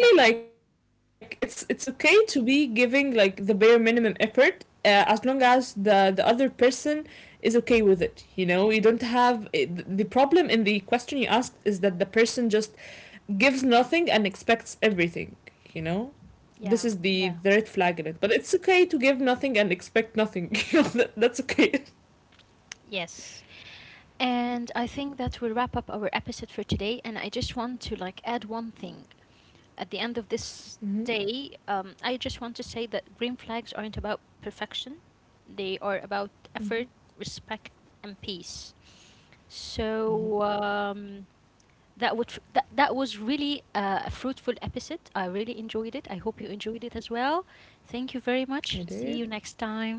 A: Yeah,
B: like it's okay to be giving like the bare minimum effort, as long as the other person is okay with it. You know, you don't have it, the problem in the question you asked is that the person just gives nothing and expects everything, you know? This is
A: yeah,
B: the
A: yeah.
B: red flag in it. But it's okay to give nothing and expect nothing. That's okay.
A: Yes. And I think that will wrap up our episode for today. And I just want to like add one thing. At the end of this
B: Mm-hmm.
A: day, I just want to say that green flags aren't about perfection, they are about effort,
B: Mm-hmm.
A: respect, and peace. So
B: Mm-hmm.
A: um, that would that, that was really a fruitful episode. I really enjoyed it. I hope you enjoyed it as well. Thank you very much.
B: I
A: See you
B: did.
A: next time.